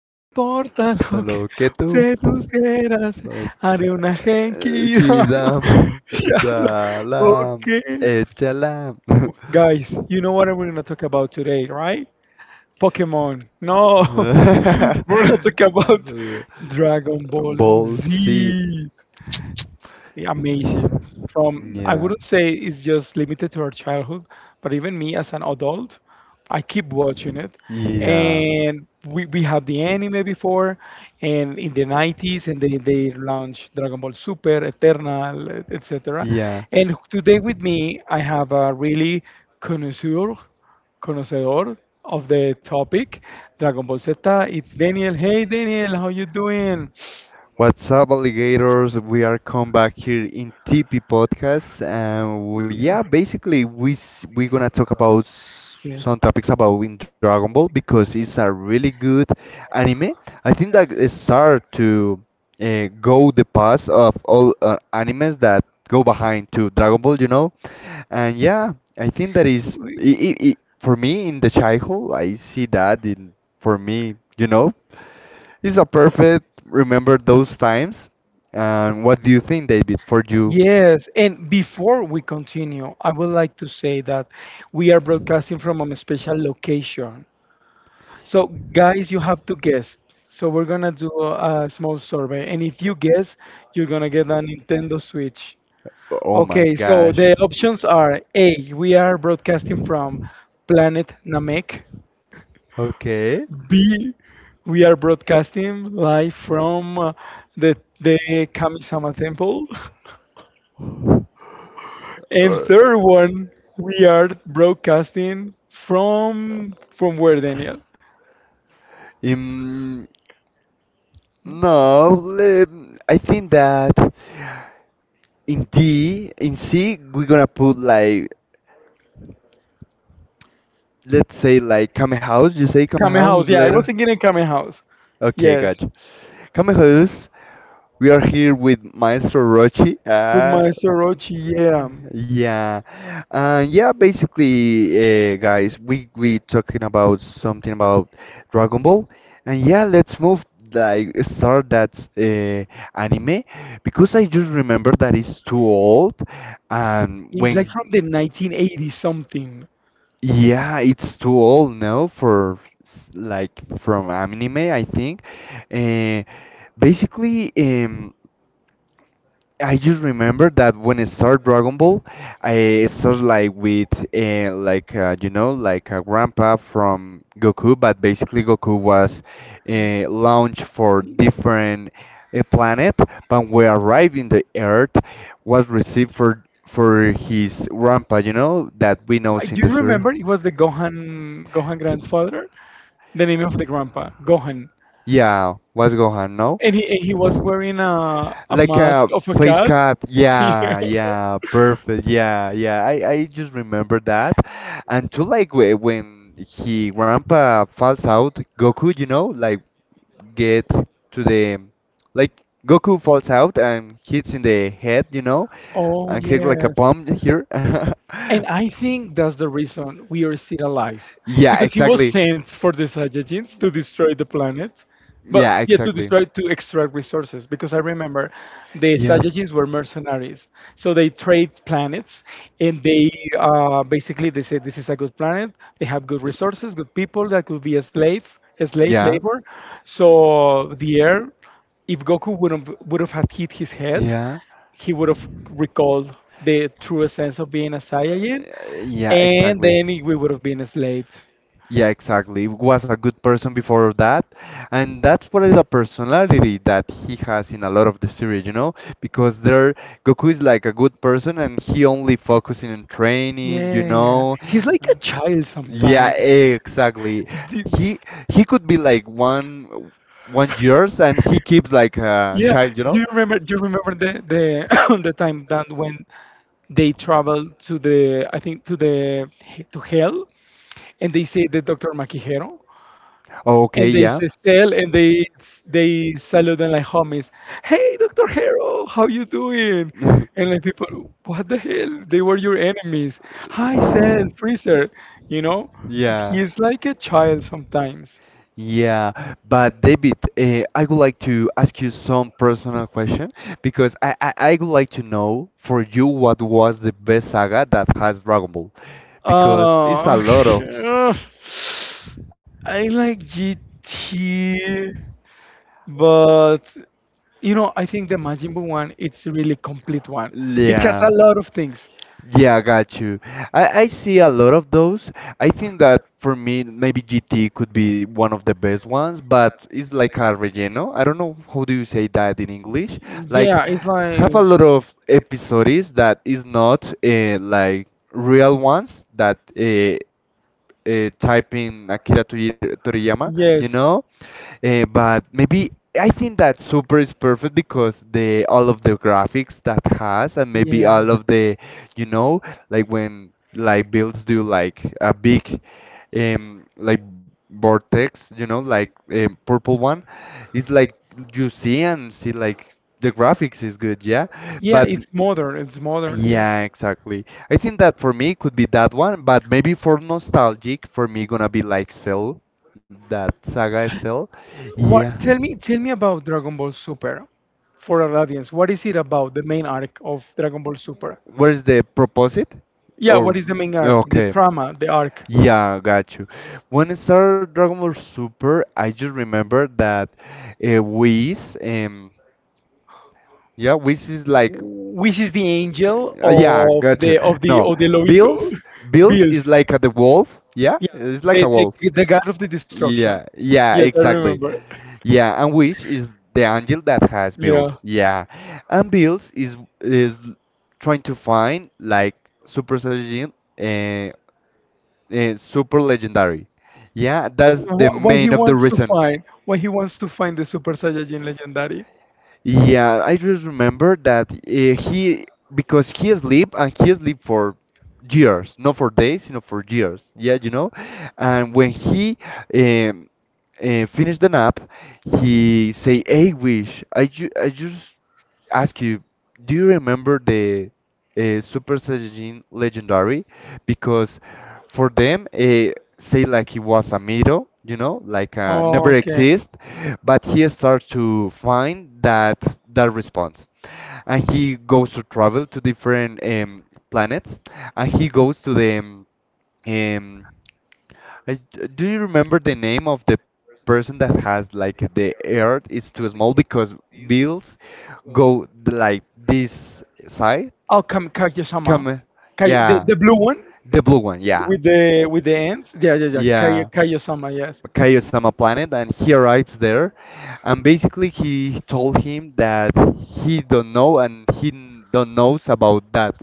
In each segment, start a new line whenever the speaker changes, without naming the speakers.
no importa
Tan
lo que
loketu
se suceda, haré una genkidama.
kidam
Shala,
salam
okay.
echalam.
Guys, you know what we're gonna talk about today, right? Pokemon. No, we're gonna talk about Dragon Ball
Ball seat.
Z. Amazing. From, I
Yeah.
wouldn't say it's just limited to our childhood, but even me as an adult, I keep watching it.
Yeah.
And we had the anime before, and in the 90s, and they launched Dragon Ball Super, Eternal, etc.
Yeah.
And today with me, I have a really connoisseur, conocedor of the topic, Dragon Ball Z. It's Daniel. Hey, Daniel, how you doing?
What's up, alligators? We are come back here in TP Podcast, and yeah, basically we're gonna talk about
Yes.
some topics about in Dragon Ball because it's a really good anime. I think that it start to go the path of all animes that go behind to Dragon Ball, you know, and yeah, I think that is
We-
I for me in the childhood. I see that in for me, you know. This is a perfect remember those times. And what do you think, David, for you?
Yes, and before we continue, I would like to say that we are broadcasting from a special location. So, guys, you have to guess. So, we're gonna do a small survey, and if you guess, you're gonna get a Nintendo Switch.
Oh my
Okay, so the
gosh.
options are A, we are broadcasting from Planet Namek.
Okay.
B, we are broadcasting live from the Kami-sama temple. And
Uh,
third one, we are broadcasting from where, Daniel?
Um, no, I think that. In D, in C, we're gonna put like, let's say like Kame House. You say Kame
Kame House.
House
Yeah, I was
later?
thinking in Kame House.
Okay,
Yes,
gotcha. Kame House, we are here with Maestro Rochi.
with Maestro Rochi. Yeah,
Yeah, yeah. Basically, guys, we talking about something about Dragon Ball, and yeah, let's move like start that anime because I just remember that it's too old, and
it's like
when.
from the 1980 something.
Yeah, it's too old now for like from anime, I think. Uh, basically, I just remember that when I started Dragon Ball, I started like with you know like a grandpa from Goku, but basically Goku was launched for different planet, but we arrived in the Earth was received for his grandpa, you know that we know
Do
in the
you
story.
remember? It was the Gohan grandfather, the name of the grandpa, Gohan.
Yeah, what's Gohan? No?
And he was wearing a
Like
mask
a
of a
face
cat.
cut.
Yeah.
Yeah, yeah, perfect. Yeah, yeah. I just remember that. And too like when he grandpa falls out, Goku, you know, like get to the like Goku falls out and hits in the head, you know,
Oh,
and hit like a
yes.
bomb here.
And I think that's the reason we are still alive, yeah,
Yeah,
because he was
exactly.
sent for the Saiyajins to destroy the planet, but Yeah.
Yeah,
yeah, to
exactly.
destroy to extract resources. Because I remember the
Yeah.
Saiyajins were mercenaries, so they trade planets, and they basically they say this is a good planet. They have good resources, good people that could be a slave, a slave, yeah,
Yeah.
labor. So the air. If Goku wouldn't would have had hit his head,
Yeah.
he would have recalled the true sense of being a Saiyan,
Yeah,
and
exactly.
we would have been enslaved.
Yeah, exactly. Was a good person before that, and that's what is a personality that he has in a lot of the series, you know? Because there, Goku is like a good person, and he only focusing on training, you
Yeah,
know?
he's like
Uh,
a child
Yeah,
sometimes.
exactly.
Do-
He he could be like one one years, and he keeps like a
yeah,
child, you
do
know?
you remember? Do you remember the the time that when they traveled to the I think to the to hell, and they say the Doctor Maquijero?
Okay,
And they
yeah.
say still and they salute them like homies. Hey, Dr. Hero, how you doing? And like people, what the hell, they were your enemies. Hi, Cell, Freezer, you know?
Yeah.
He's like a child sometimes.
Yeah, but David, I would like to ask you some personal question because I would like to know for you what was the best saga that has Dragon Ball because it's a
uh
lot of.
I like GT. But you know, I think the Majin Buu one, it's a really complete one. It has a
Yeah.
lot of things.
Yeah, I got you. I see a lot of those. I think that for me, maybe GT could be one of the best ones, but it's like a relleno. I don't know how do you say that in English. Like,
Yeah, it's like
have a lot of episodes that is not like real ones that type in Toriyama, you
yes,
know? But maybe I think that Super is perfect because the all of the graphics that has and maybe all of the you know like when like builds do like a big like vortex, you know, like purple one. It's like you see and see like the graphics is good, yeah,
yeah,
but
yeah, it's modern. It's modern,
yeah, exactly. I think that for me could be that one, but maybe for nostalgic, for me gonna be like Cell, that saga is Cell, yeah.
what? Tell me about Dragon Ball Super for our audience. What is it about? The main arc of Dragon Ball Super?
Where's the proposite?
Yeah,
Or
what is the main arc? The
okay.
drama, the arc.
Yeah, got you. When I started Dragon Ball Super, I just remember that Whis, yeah, Whis is like
Which is the angel
Yeah,
of
gotcha.
the of the
No,
of the Lobito,
Bills, Bills
Bills.
is like the wolf. Yeah, it's like
The,
a
the,
wolf.
the god of the destruction.
Yeah, yeah,
Yes, I
exactly.
remember.
Yeah, and Wish is the angel that has
Yeah.
Bills. Yeah, and Bills is trying to find like Super Saiyajin and Super Legendary. Yeah, that's the main of the reason.
Why he wants to find the Super Saiyajin legendary?
Yeah, I just remember that he, because he sleep and he sleep for years, not for days, you know, for years. Yeah, you know, and when he um, finished the nap, he say, "Hey, wish I just ask you, do you remember the Super Saiyajin Legendary?" Because for them, say like he was a middle, you know, like never
Okay.
exist, but he starts to find that response, and he goes to travel to different planets, and he goes to the um, I, do you remember the name of the person that has like the earth is too small because bills go like this side?
Oh, Kam Kaguya-sama.
Come,
Kai, the,
yeah.
the blue one
The blue one, yeah.
with the ends. Yeah, yeah, yeah. Kai,
Yeah.
Kaguya-sama. Yes.
Kaiosama planet, and he arrives there, and basically he told him that he don't know and he don't knows about that,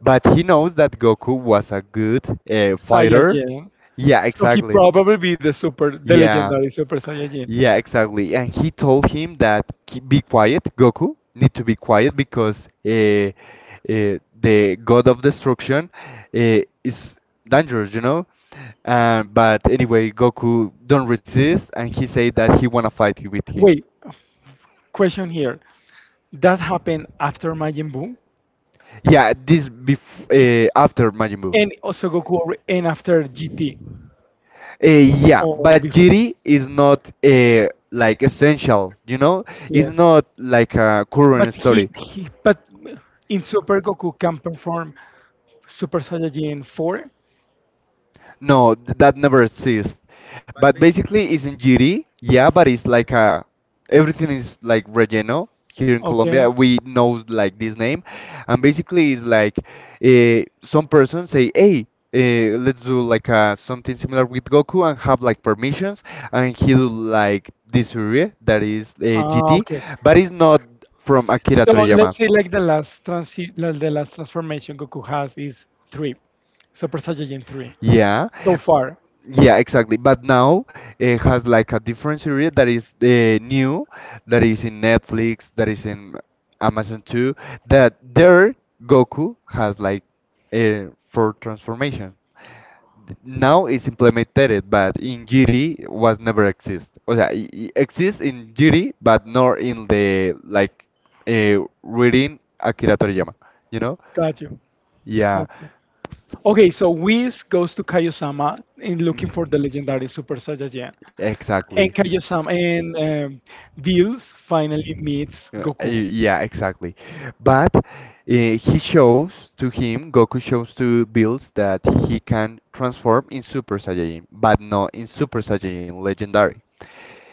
but he knows that Goku was a good fighter,
Saiyajin.
yeah,
So he
exactly,
probably be the super, the
yeah,
legendary Super Saiyajin.
yeah, exactly. And he told him that, Be quiet, Goku, need to be quiet because the god of destruction uh, is dangerous, you know?" But anyway, Goku don't resist, and he say that he wanna fight with him.
Wait, question here. That happened after Majin Buu,
Yeah, this bef after Majin Buu.
and also and after GT.
Yeah, but Jiri is not like essential, you know? It's not like a current
He,
story.
he but in Super Goku can perform Super Saiyajin 4.
No, that never exists. But basically, it's in GD, yeah, but it's like a everything is like relleno here in Colombia. We know like this name, and basically, it's like some person say, "Hey, let's do like something similar with Goku and have like permissions," and he do like this area that is GT, but it's not from Akira
So
Toriyama.
let's say like the last transformation Goku has is three, Super Saiyajin three.
Yeah,
So far,
yeah, exactly. But now it has like a different series that is new, that is in Netflix, that is in Amazon too. That there Goku has like for transformation. Now it's implemented, but in GT was never exist. O sea, exists in GT, but not in the like reading Akira Toriyama. You know?
got you.
Yeah.
Okay. Okay, so Whis goes to Kaiosama in looking for the legendary Super Saiyajin. And
Exactly.
kaio and Bills finally meets
Uh,
Goku.
y- yeah, exactly. But he shows to him, Goku shows to Bills that he can transform in Super Saiyajin, but not in Super Saiyajin Legendary.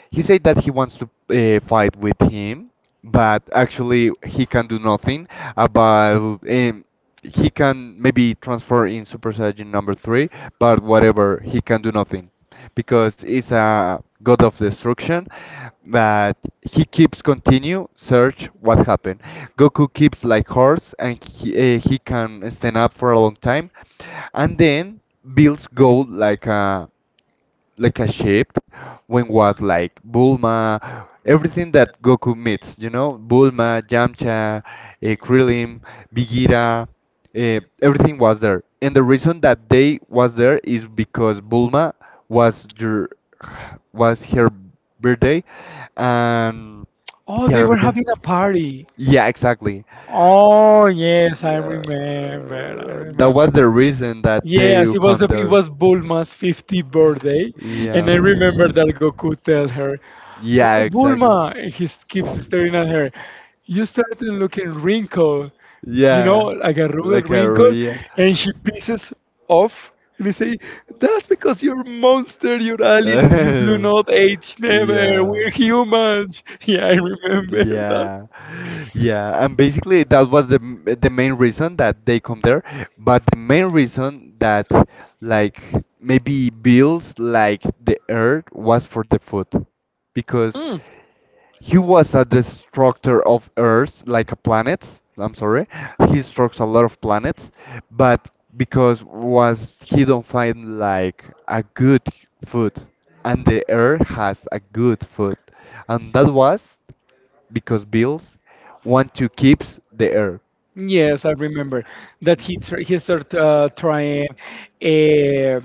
He said that he wants to fight with him, but actually he can do nothing about. He can maybe transfer in Super Saiyan number three, but whatever, he can do nothing because he's a god of destruction. But he keeps continue search what happened. Goku keeps like horse, and he can stand up for a long time, and then builds gold like a shift when was like Bulma, everything that Goku meets, you know, Bulma, Yamcha, Krillin, Bigira, everything was there. And the reason that they was there is because Bulma was your was her birthday, and
Oh,
yeah,
they
I
were
was there.
having a party.
Yeah, exactly.
Oh, yes, I
Yeah,
remember. I
that
remember.
was the reason that they
Yes, it was
come there.
Bulma's 50th birthday,
Yeah.
and I remember that Goku tells her,
Yeah,
"Oh,
exactly.
Bulma," and keeps staring at her. You started looking wrinkled, you know,
Yeah,
like a
like
rugged
a
wrinkle,
yeah.
and she pieces off. And he say, "That's because you're monster, you're aliens, you do not age never.
yeah.
We're
Yeah.
humans." Yeah, I remember
Yeah, yeah, and basically that was the main reason that they come there. But the main reason that like maybe bills like the Earth was for the food, because
that.
he was a destructor of Earth, like a planets. I'm sorry, he destructs a lot of planets, but because was he don't find like a good food, and the Earth has a good food, and that was because Bills want to keep the Earth.
Yes, I remember that he started trying uh,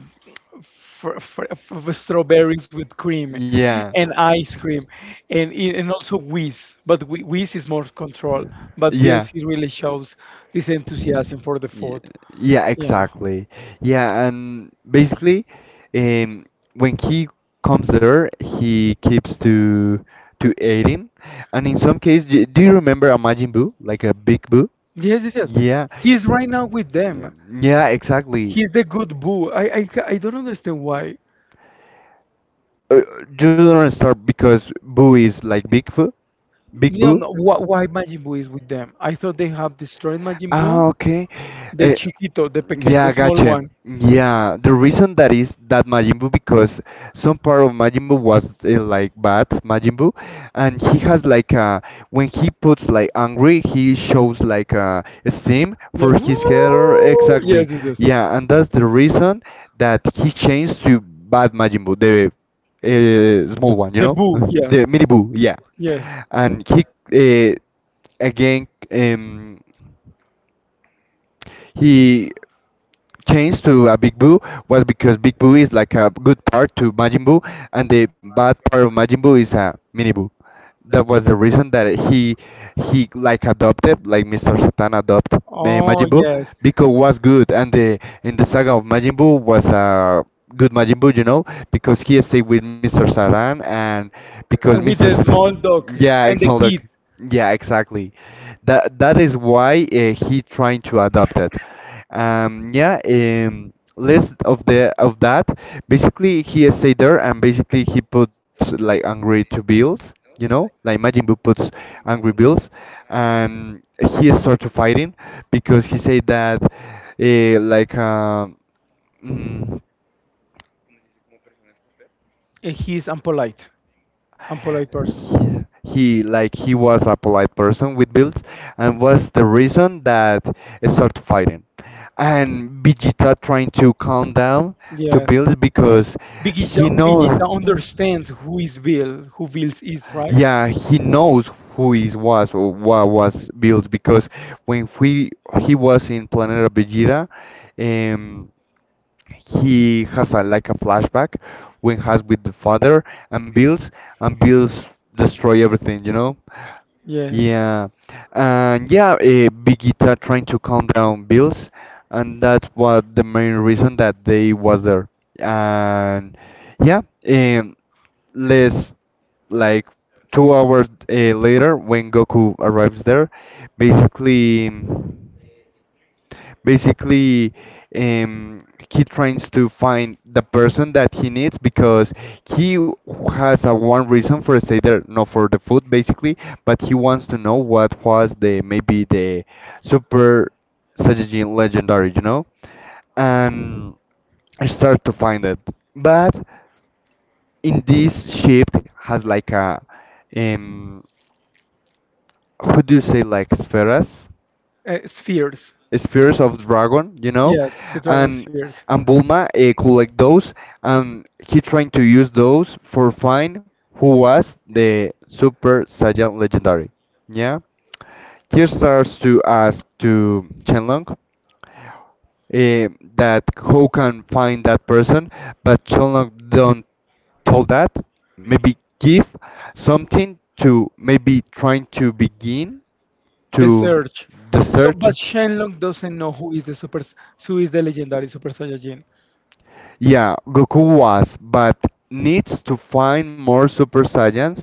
fr fr fr strawberries with cream
Yeah.
and ice cream and and also Whiz, but Whiz is more control. But
Yeah.
VLC really shows this enthusiasm for the
Yeah,
food.
yeah,
Yeah.
exactly. Yeah, and basically, um, when he comes there, he keeps to aiding, and in some case, do you remember a Majin Buu, like a big Buu?
Yes, yes, yes.
Yeah.
He's right now with
Yeah,
them.
yeah, exactly.
He's the good Boo. I don't understand why.
Uh, you don't start because Boo is like Big Boo, Big
You know
Boo.
no, wh why Majin Buu is with them. I thought they have destroyed Majin
Ah,
Buu.
okay.
The
Eh,
chiquito, the pequeño,
yeah,
the small
gotcha.
one.
Yeah, the reason that is that Majin Buu because some part of Majin Buu was like bad Majin Buu, and he has like when he puts like angry, he shows like steam
Yeah.
for his hair.
Woo!
Exactly.
Yes, yes, yes.
Yeah, and that's the reason that he changed to bad Majin Buu, the small one, you
The
know,
boo,
the
yes.
mini Buu. Yeah,
Yes.
and he again he changed to a Big Boo was because Big Boo is like a good part to Majin Buu, and the bad part of Majin Buu is a Mini Boo. That was the reason that he like adopted, like Mr. Satan adopted
Oh,
Majin Buu
yes.
because was good, and the in the saga of Majin Buu was a good Majin Buu, you know, because he stayed with Mr. Satan and because
And
Mr.
with the small
Satan,
dog
yeah, ex
and the
Maldok,
kid.
yeah, exactly. That is why he trying to adopt it. Yeah. List of the of that. Basically, he is say there, and basically he puts like angry to bills. You know, like Majin Buu puts angry bills, and he started fighting because he said that like, mm,
And he is unpolite, unpolite person.
he like he was a polite person with Bills, and was the reason that it started fighting. And Vegeta trying to calm down to
Yes.
Bills because he
Vegeta,
knows.
Vegeta understands who is Bill, who Bills is, right?
Yeah, he knows who he was or what was Bills because when we he was in Planeta Vegeta, um, he has a like a flashback when has with the father and Bills and Bills destroy everything, you know?
Yes.
Yeah. And yeah, Bigita trying to calm down Bills, and that's what the main reason that they was there. And yeah, um less like 2 hours later when Goku arrives there, basically basically he tries to find the person that he needs because he has a one reason for stay there, not for the food basically, but he wants to know what was the maybe the super Saiyajin legendary, you know, and I start to find it, but in this ship has like a um how do you say like spheres,
Spheres.
spheres of dragon, you know,
Yes, the dragon
and
spheres.
Bulma collect those, and he trying to use those for find who was the Super Saiyan legendary. Yeah, he starts to ask to Shenlong, that who can find that person, but Shenlong don't told that maybe give something to maybe trying to begin
The
to
Surge.
the
So,
search.
but Shenlong doesn't know who is who is the legendary Super Saiyajin.
Yeah, Goku was, but needs to find more Super Saiyans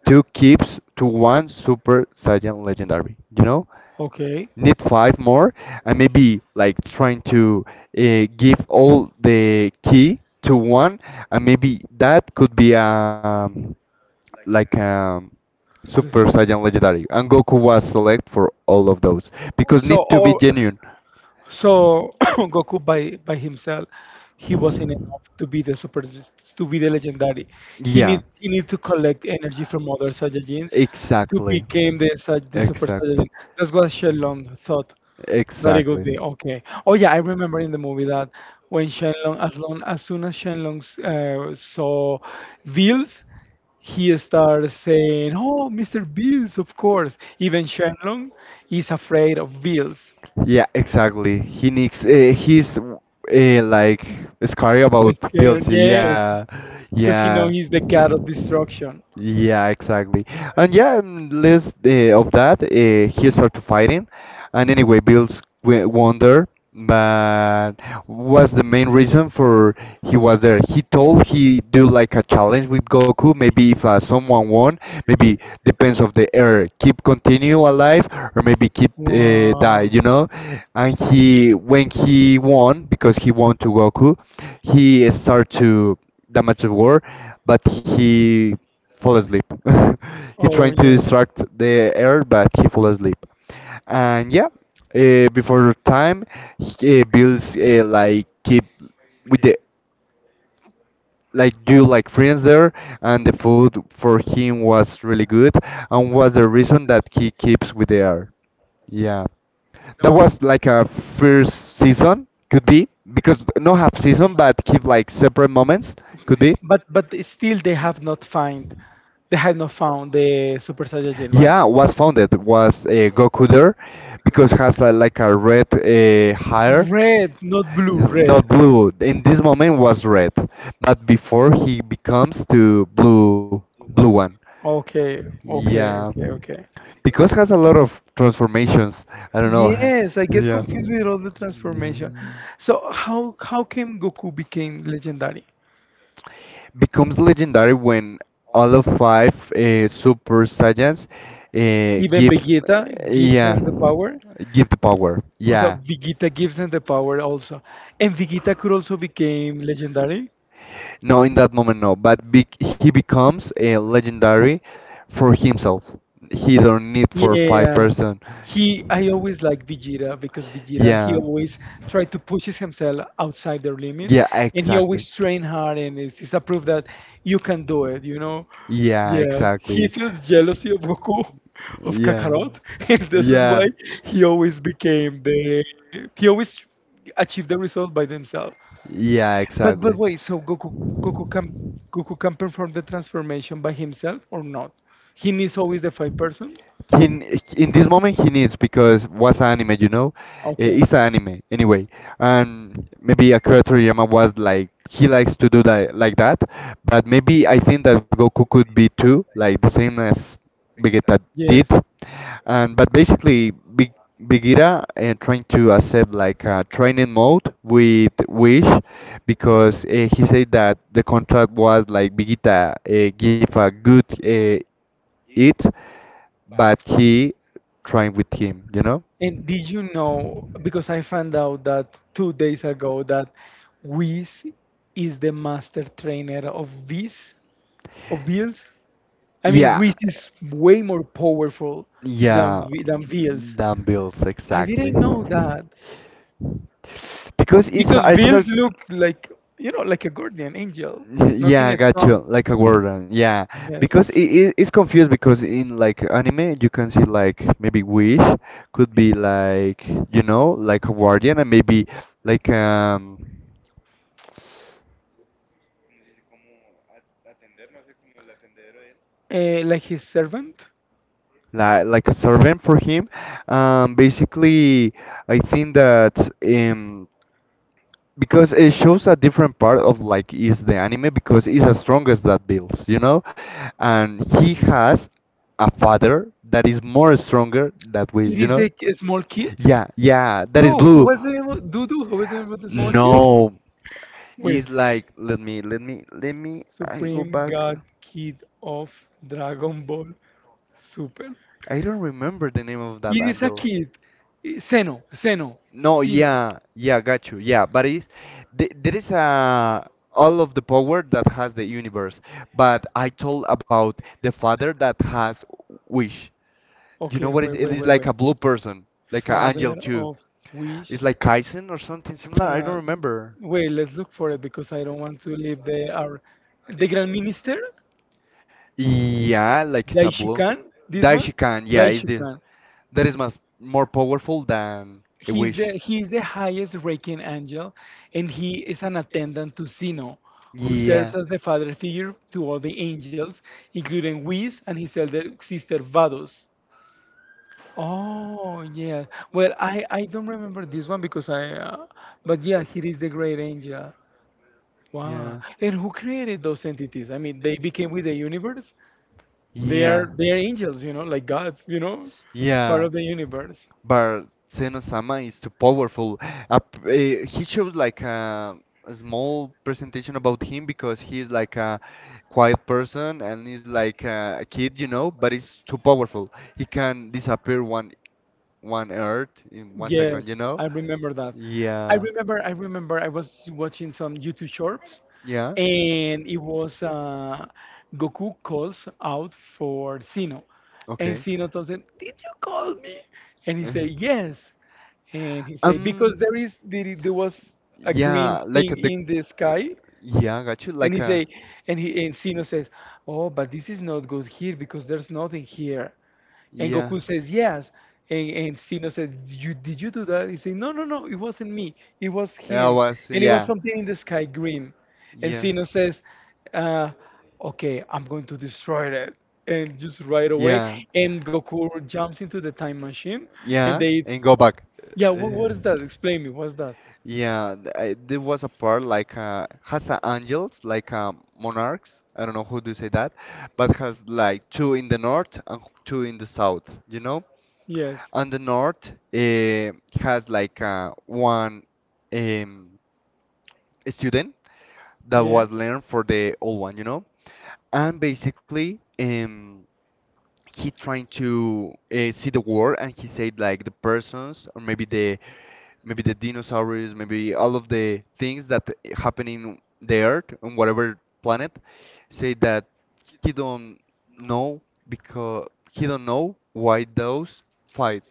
to keep to one Super Saiyan legendary. You know,
Okay.
need 5 more, and maybe like trying to give all the key to one, and maybe that could be like
The-
Super Saiyan legendary. And Goku was select for all of those because
So,
need to be
or
genuine.
so Goku by himself, he wasn't enough to be the legendary.
Yeah.
He need to collect energy from other Saiyajins to
Exactly.
become the super
Exactly.
Saiyajin. That's what Shenlong thought that it would
Exactly.
be okay. Oh yeah, I remember in the movie that when Shenlong as long as soon as Shenlong saw Bills, he starts saying, "Oh, Mr. Bills, of course." Even Shenlong is afraid of Bills.
Yeah, exactly. He needs. He's like scary about
Scared,
bills.
yes,
Yeah,
because he know
yeah.
he's the god of destruction.
Yeah, exactly. And yeah, less of that, he started fighting. And anyway, Bills w won there, but was the main reason for he was there. He told he do like a challenge with Goku, maybe if someone won, maybe depends of the air keep continue alive or maybe keep die,
Wow.
you know. And he when he won, because he won to Goku, he start to damage the war, but he fall asleep. He trying
Oh
to
yes.
distract the air but he fall asleep. And yeah, before time he, bills like keep with the like do like friends there, and the food for him was really good, and was the reason that he keeps with the art. Yeah. That was like a first season, could be, because no half season, but keep like separate moments, could be.
But still they have not found the Super Saiyajin, right?
Yeah, was founded was Goku there because has a, like a red hair.
Red, not blue,
Yeah,
red.
not blue. In this moment was red, but before he becomes to blue blue one.
Okay, okay,
Yeah,
okay, okay.
because has a lot of transformations. I don't know.
Yes, I get
Yeah.
confused with all the
Yeah.
transformation. So how came Goku became legendary?
Becomes legendary when all of 5 super saiyans
Even
give.
Vegeta gives
Yeah,
them the power?
give the power,
Oh, so
yeah.
Vegeta gives him the power also, and Vegeta could also became legendary.
No, in that moment no, but he becomes a legendary for himself. He don't need for five
Yeah,
person
he. I always like Vegeta because Vegeta he
Yeah,
always tried to pushes himself outside their limits,
yeah,
and he
exactly.
always train hard, and it's a proof that you can do it. You know,
Yeah, like,
yeah. He
exactly.
feels jealousy of Goku, of
Yeah.
Kakarot, and this is why
Yeah.
he always became the. He always achieved the result by themselves.
Yeah,
But
exactly.
wait, so Goku Goku can Goku can perform the transformation by himself or not? He needs always the five person.
He, n- in this moment he needs because was anime, you know. Eh,
Okay.
it's anime anyway. Um, Maybe Akira Toriyama was like he likes to do that like that, but maybe I think that Goku could be too like the same as Vegeta did.
Yes.
And but basically, Bigira and trying to accept like a training mode with Wish because he said that the contract was like Vegeta give a good it, but he trained with him, you know?
And did you know, because I found out that 2 days ago that Whis is the master trainer of Viz, of Bills? I mean, Wiz
Yeah,
is way more powerful than
yeah,
Veils.
dumbbells,
I
exactly.
didn't know that
Because
because
it's
Veils
hard.
look like you know like a guardian angel, nothing
Yeah,
is
gotcha.
strong.
Like a warden. Yeah,
Yes,
because it's confused because in like anime you can see like maybe wish could be like, you know, like a guardian and maybe like um
like his servant.
like a servant for him. Basically, I think that um because it shows a different part of like is the anime because it's as strong as that Bills, you know, and he has a father that is more stronger that we,
It
you
is
know,
the small kid.
yeah, yeah, that is
Bro, who
blue.
was the name of Dudu? Who was the name of the small
No,
kid? Wait,
it's like let me. I go
Supreme
back.
God Kid of Dragon Ball Super.
I don't remember the name of that
It is a
angel.
kid. Eh, Seno, Seno,
No,
Sino.
yeah, yeah, got you. Yeah, but it's th there is a all of the power that has the universe, but I told about the father that has wish. Do you know
Okay,
what is
wait,
it
wait,
is
wait,
like
wait.
a blue person, like an
Father
angel too.
of which?
It's like Kaisen or something similar. I
Uh,
don't remember.
wait, let's look for it because I don't want to leave the Grand Minister
Yeah, like it's a blue.
Daishikan. This one,
Daishikan, yeah, is the
Daishikan.
that is much more powerful than a wish.
He's the highest ranking angel, and he is an attendant to Zeno, who serves
Yeah.
as the father figure to all the angels, including Whis and his elder sister Vados. Oh yeah. Well, I don't remember this one because I. But yeah, he is the great angel. Wow.
Yeah.
And who created those entities? I mean, they became with the universe.
Yeah.
They are angels, you know, like gods, you know, part
Yeah.
of the universe.
But Senosama is too powerful. Eh, he shows like a small presentation about him because he's like a quiet person and he's like a kid, you know, but he's too powerful. He can disappear one earth in 1 second,
Yes,
you know?
I remember that. I, yeah,
Yeah.
remember I was watching some YouTube shorts
Yeah.
and it was Goku calls out for Sino. And
Okay.
Sino tells him, did you call me? And he
Uh,
said, yes. And he said,
Um.
because there was a green
Yeah, like
thing
the.
in the sky.
Yeah, got you.
And
Like
he
a.
say and he and Sino says, oh, but this is not good here because there's nothing here. And
Yeah.
Goku says, yes. And Sino says, did you do that? He says, no, no, no, it wasn't me. It was
Yeah, I
him.
was.
And it was
Yeah.
something in the sky green. And
Yeah.
Sino says, uh, okay, I'm going to destroy that. And just right away.
Yeah.
And Goku jumps into the time machine.
Yeah,
And they,
and go back.
yeah,
Uh,
what is that? Explain me, what's that?
Yeah, I, there was a part like has angels, like monarchs. I don't know who do say that, but has like two in the north and two in the south. You know,
Yes.
and the north has like one um, student that
Yes.
was learned for the old one. You know, and basically he trying to see the world and he said like the persons or maybe the dinosaurs, maybe all of the things that happen in the Earth on whatever planet, say that he don't know because he don't know why those fight.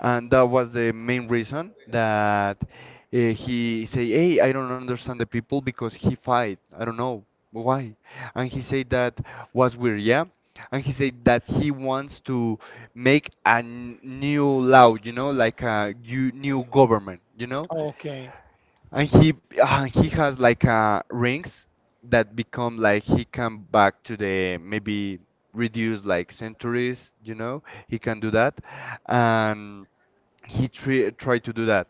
And that was the main reason that he say, "Hey, I don't understand the people because he fight. I don't know why." And he said that was weird, yeah. And he said that he wants to make a new law, you know, like a new government, you know.
Okay.
And he has like rings that become like he come back to the maybe reduce like centuries, you know. He can do that, and he tried to do that,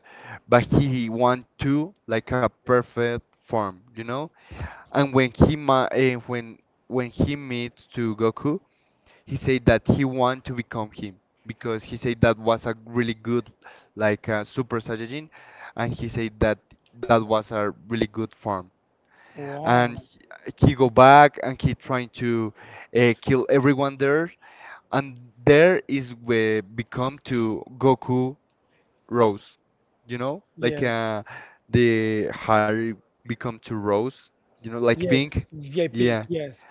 but he want to like a perfect form, you know. And when when he meets to Goku, he said that he want to become him because he said that was a really good like Super Saiyajin, and he said that that was a really good form. And
Wow.
he go back and he trying to kill everyone there, and there is where become to Goku rose, you know, like
Yes.
the hair become to rose, you know, like
Yes.
pink.
Yeah, pink.
Yeah.
Yes.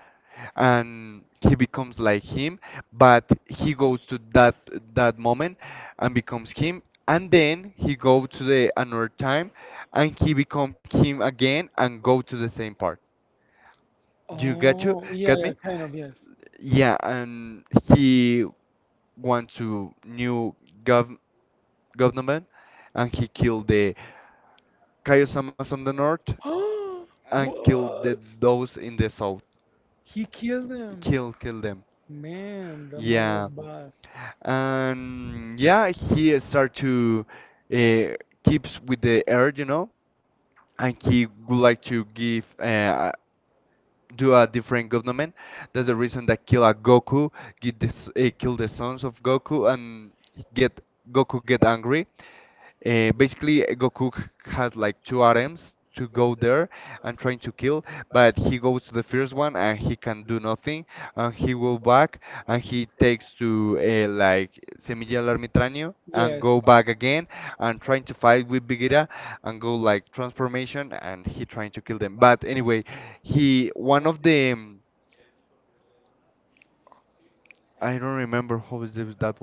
And he becomes like him, but he goes to that that moment and becomes him, and then he go to the another time, and he become him again and go to the same part. You?
Oh, yeah,
Got
yeah,
me?
kind of, yes.
Yeah, and he went to new gov government and he killed the Kaiosama on the north and killed the,
What?
those in the south.
He killed him.
Kill, kill them.
Man, the man was
Yeah,
bad.
and yeah, he start to uh, keeps with the air, you know, and he would like to give do a different government. That's the reason that kill a Goku, get this, kill the sons of Goku, and get Goku get angry. Basically, has like two items to go there and trying to kill, but he goes to the first one and he can do nothing, and he will back and he takes to like Semilla del Ermitaño and
Yes.
go back again and trying to fight with Bigira and go like transformation and he trying to kill them. But anyway, he one of the I don't remember how is that.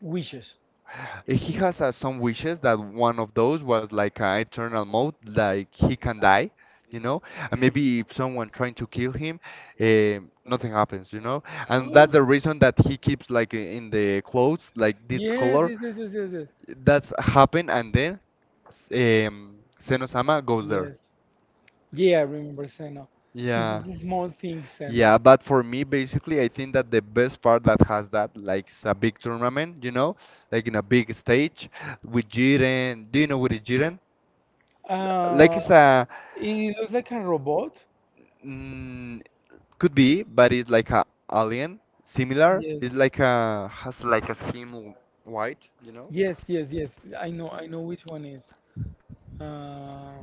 Wishes.
He has some wishes that one of those was like an eternal mode, like he can die, you know, and maybe if someone trying to kill him, eh, nothing happens, you know, and
Oh.
that's the reason that he keeps like in the clothes like this
Yes,
color.
yes, yes, yes, yes, yes.
That's happened, and then Senosama goes there.
Yes. Yeah, I remember Senna. It was
Yeah.
a small thing, Senna.
Yeah, but for me, basically, I think that the best part that has that, like a big tournament, you know, like in a big stage with Jiren. Do you know what is Jiren? Like
Uh,
it's a
it looks like a robot.
mm, could be, but it's like a alien similar.
Yes.
It's like a has like a skin white, you know?
Yes, yes, yes. I know which one is. Uh,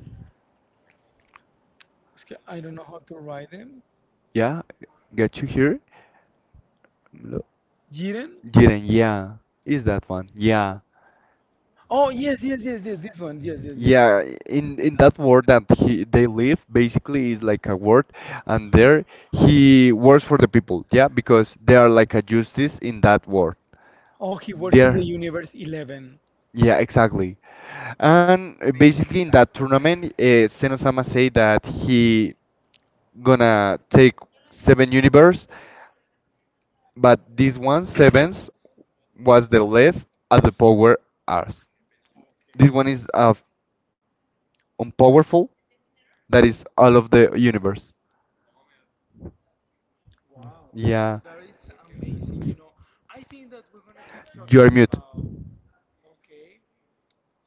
उसके I don't know how to write them.
Yeah, got you here. Lo-
Jiren?
Jiren, yeah, is that one? Yeah.
Oh yes, yes, yes, yes. This one, yes, yes, yes.
Yeah, in that world that he they live basically is like a world, and there he works for the people. Yeah, because they are like a justice in that world.
Oh, he works in
There.
the universe 11.
Yeah, exactly. And basically in that tournament, Senosama say that he gonna take 7 universe, but this one sevens was the less at the power arts. This one is of unpowerful that is all of the universe. Yeah. Are mute.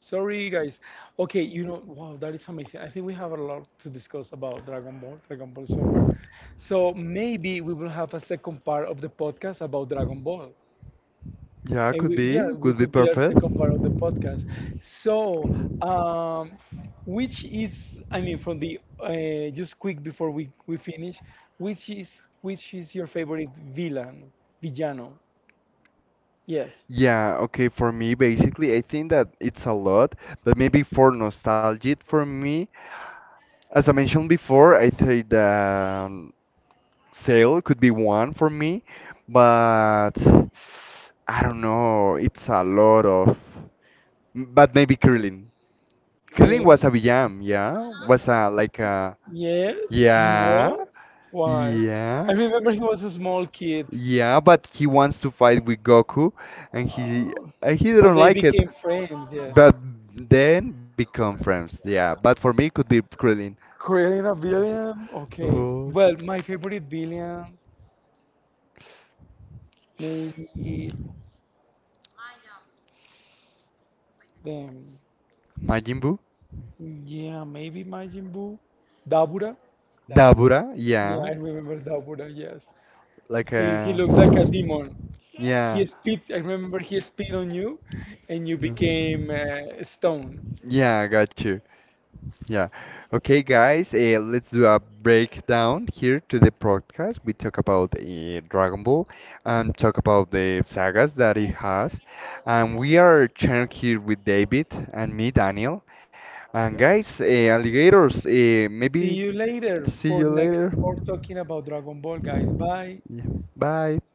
Sorry, guys. Okay, you know, wow, that is amazing. I think we have a lot to discuss about Dragon Ball, Dragon Ball Super. So maybe we will have a second part of the podcast about Dragon Ball.
Yeah,
And yeah, we
could be
could be our
perfect.
second part of the podcast. So, um, which is, I mean, from the just quick before we finish, which is your favorite villain, villano? Yes,
Yeah, okay, for me, basically, I think that it's a lot, but maybe for nostalgic for me, as I mentioned before, I think that um, sale could be one for me, but I don't know. It's a lot of, but maybe curling. Curling was a
really?
BM, yeah. Was a like a
Yes, he
yeah,
was. Why? I
yeah.
remember he was a small kid.
Yeah, but he wants to fight with Goku, and he
Oh,
and he
and
didn't
they
like it.
became friends. Yeah,
But then become friends. Yeah, but for me it could be Krillin.
creating a villain. Okay.
Oh.
Well, my favorite villain, maybe them.
Majin Buu?
Yeah, maybe Majin Buu. Dabura?
Dabura?
Yeah,
Yeah.
I remember Dabura, yes.
Like
He
a.
looks like a demon.
Yeah. Yeah.
He spit, I remember he spit on you and you became stone.
Yeah, I got you. Yeah. Okay, guys, let's do a breakdown here to the podcast. We talk about Dragon Ball and talk about the sagas that it has. And we are sharing here with David and me, Daniel. And guys, alligators,
See you
maybe
later
see
for
you
next
later.
for talking about Dragon Ball, guys. Bye.
Yeah. Bye.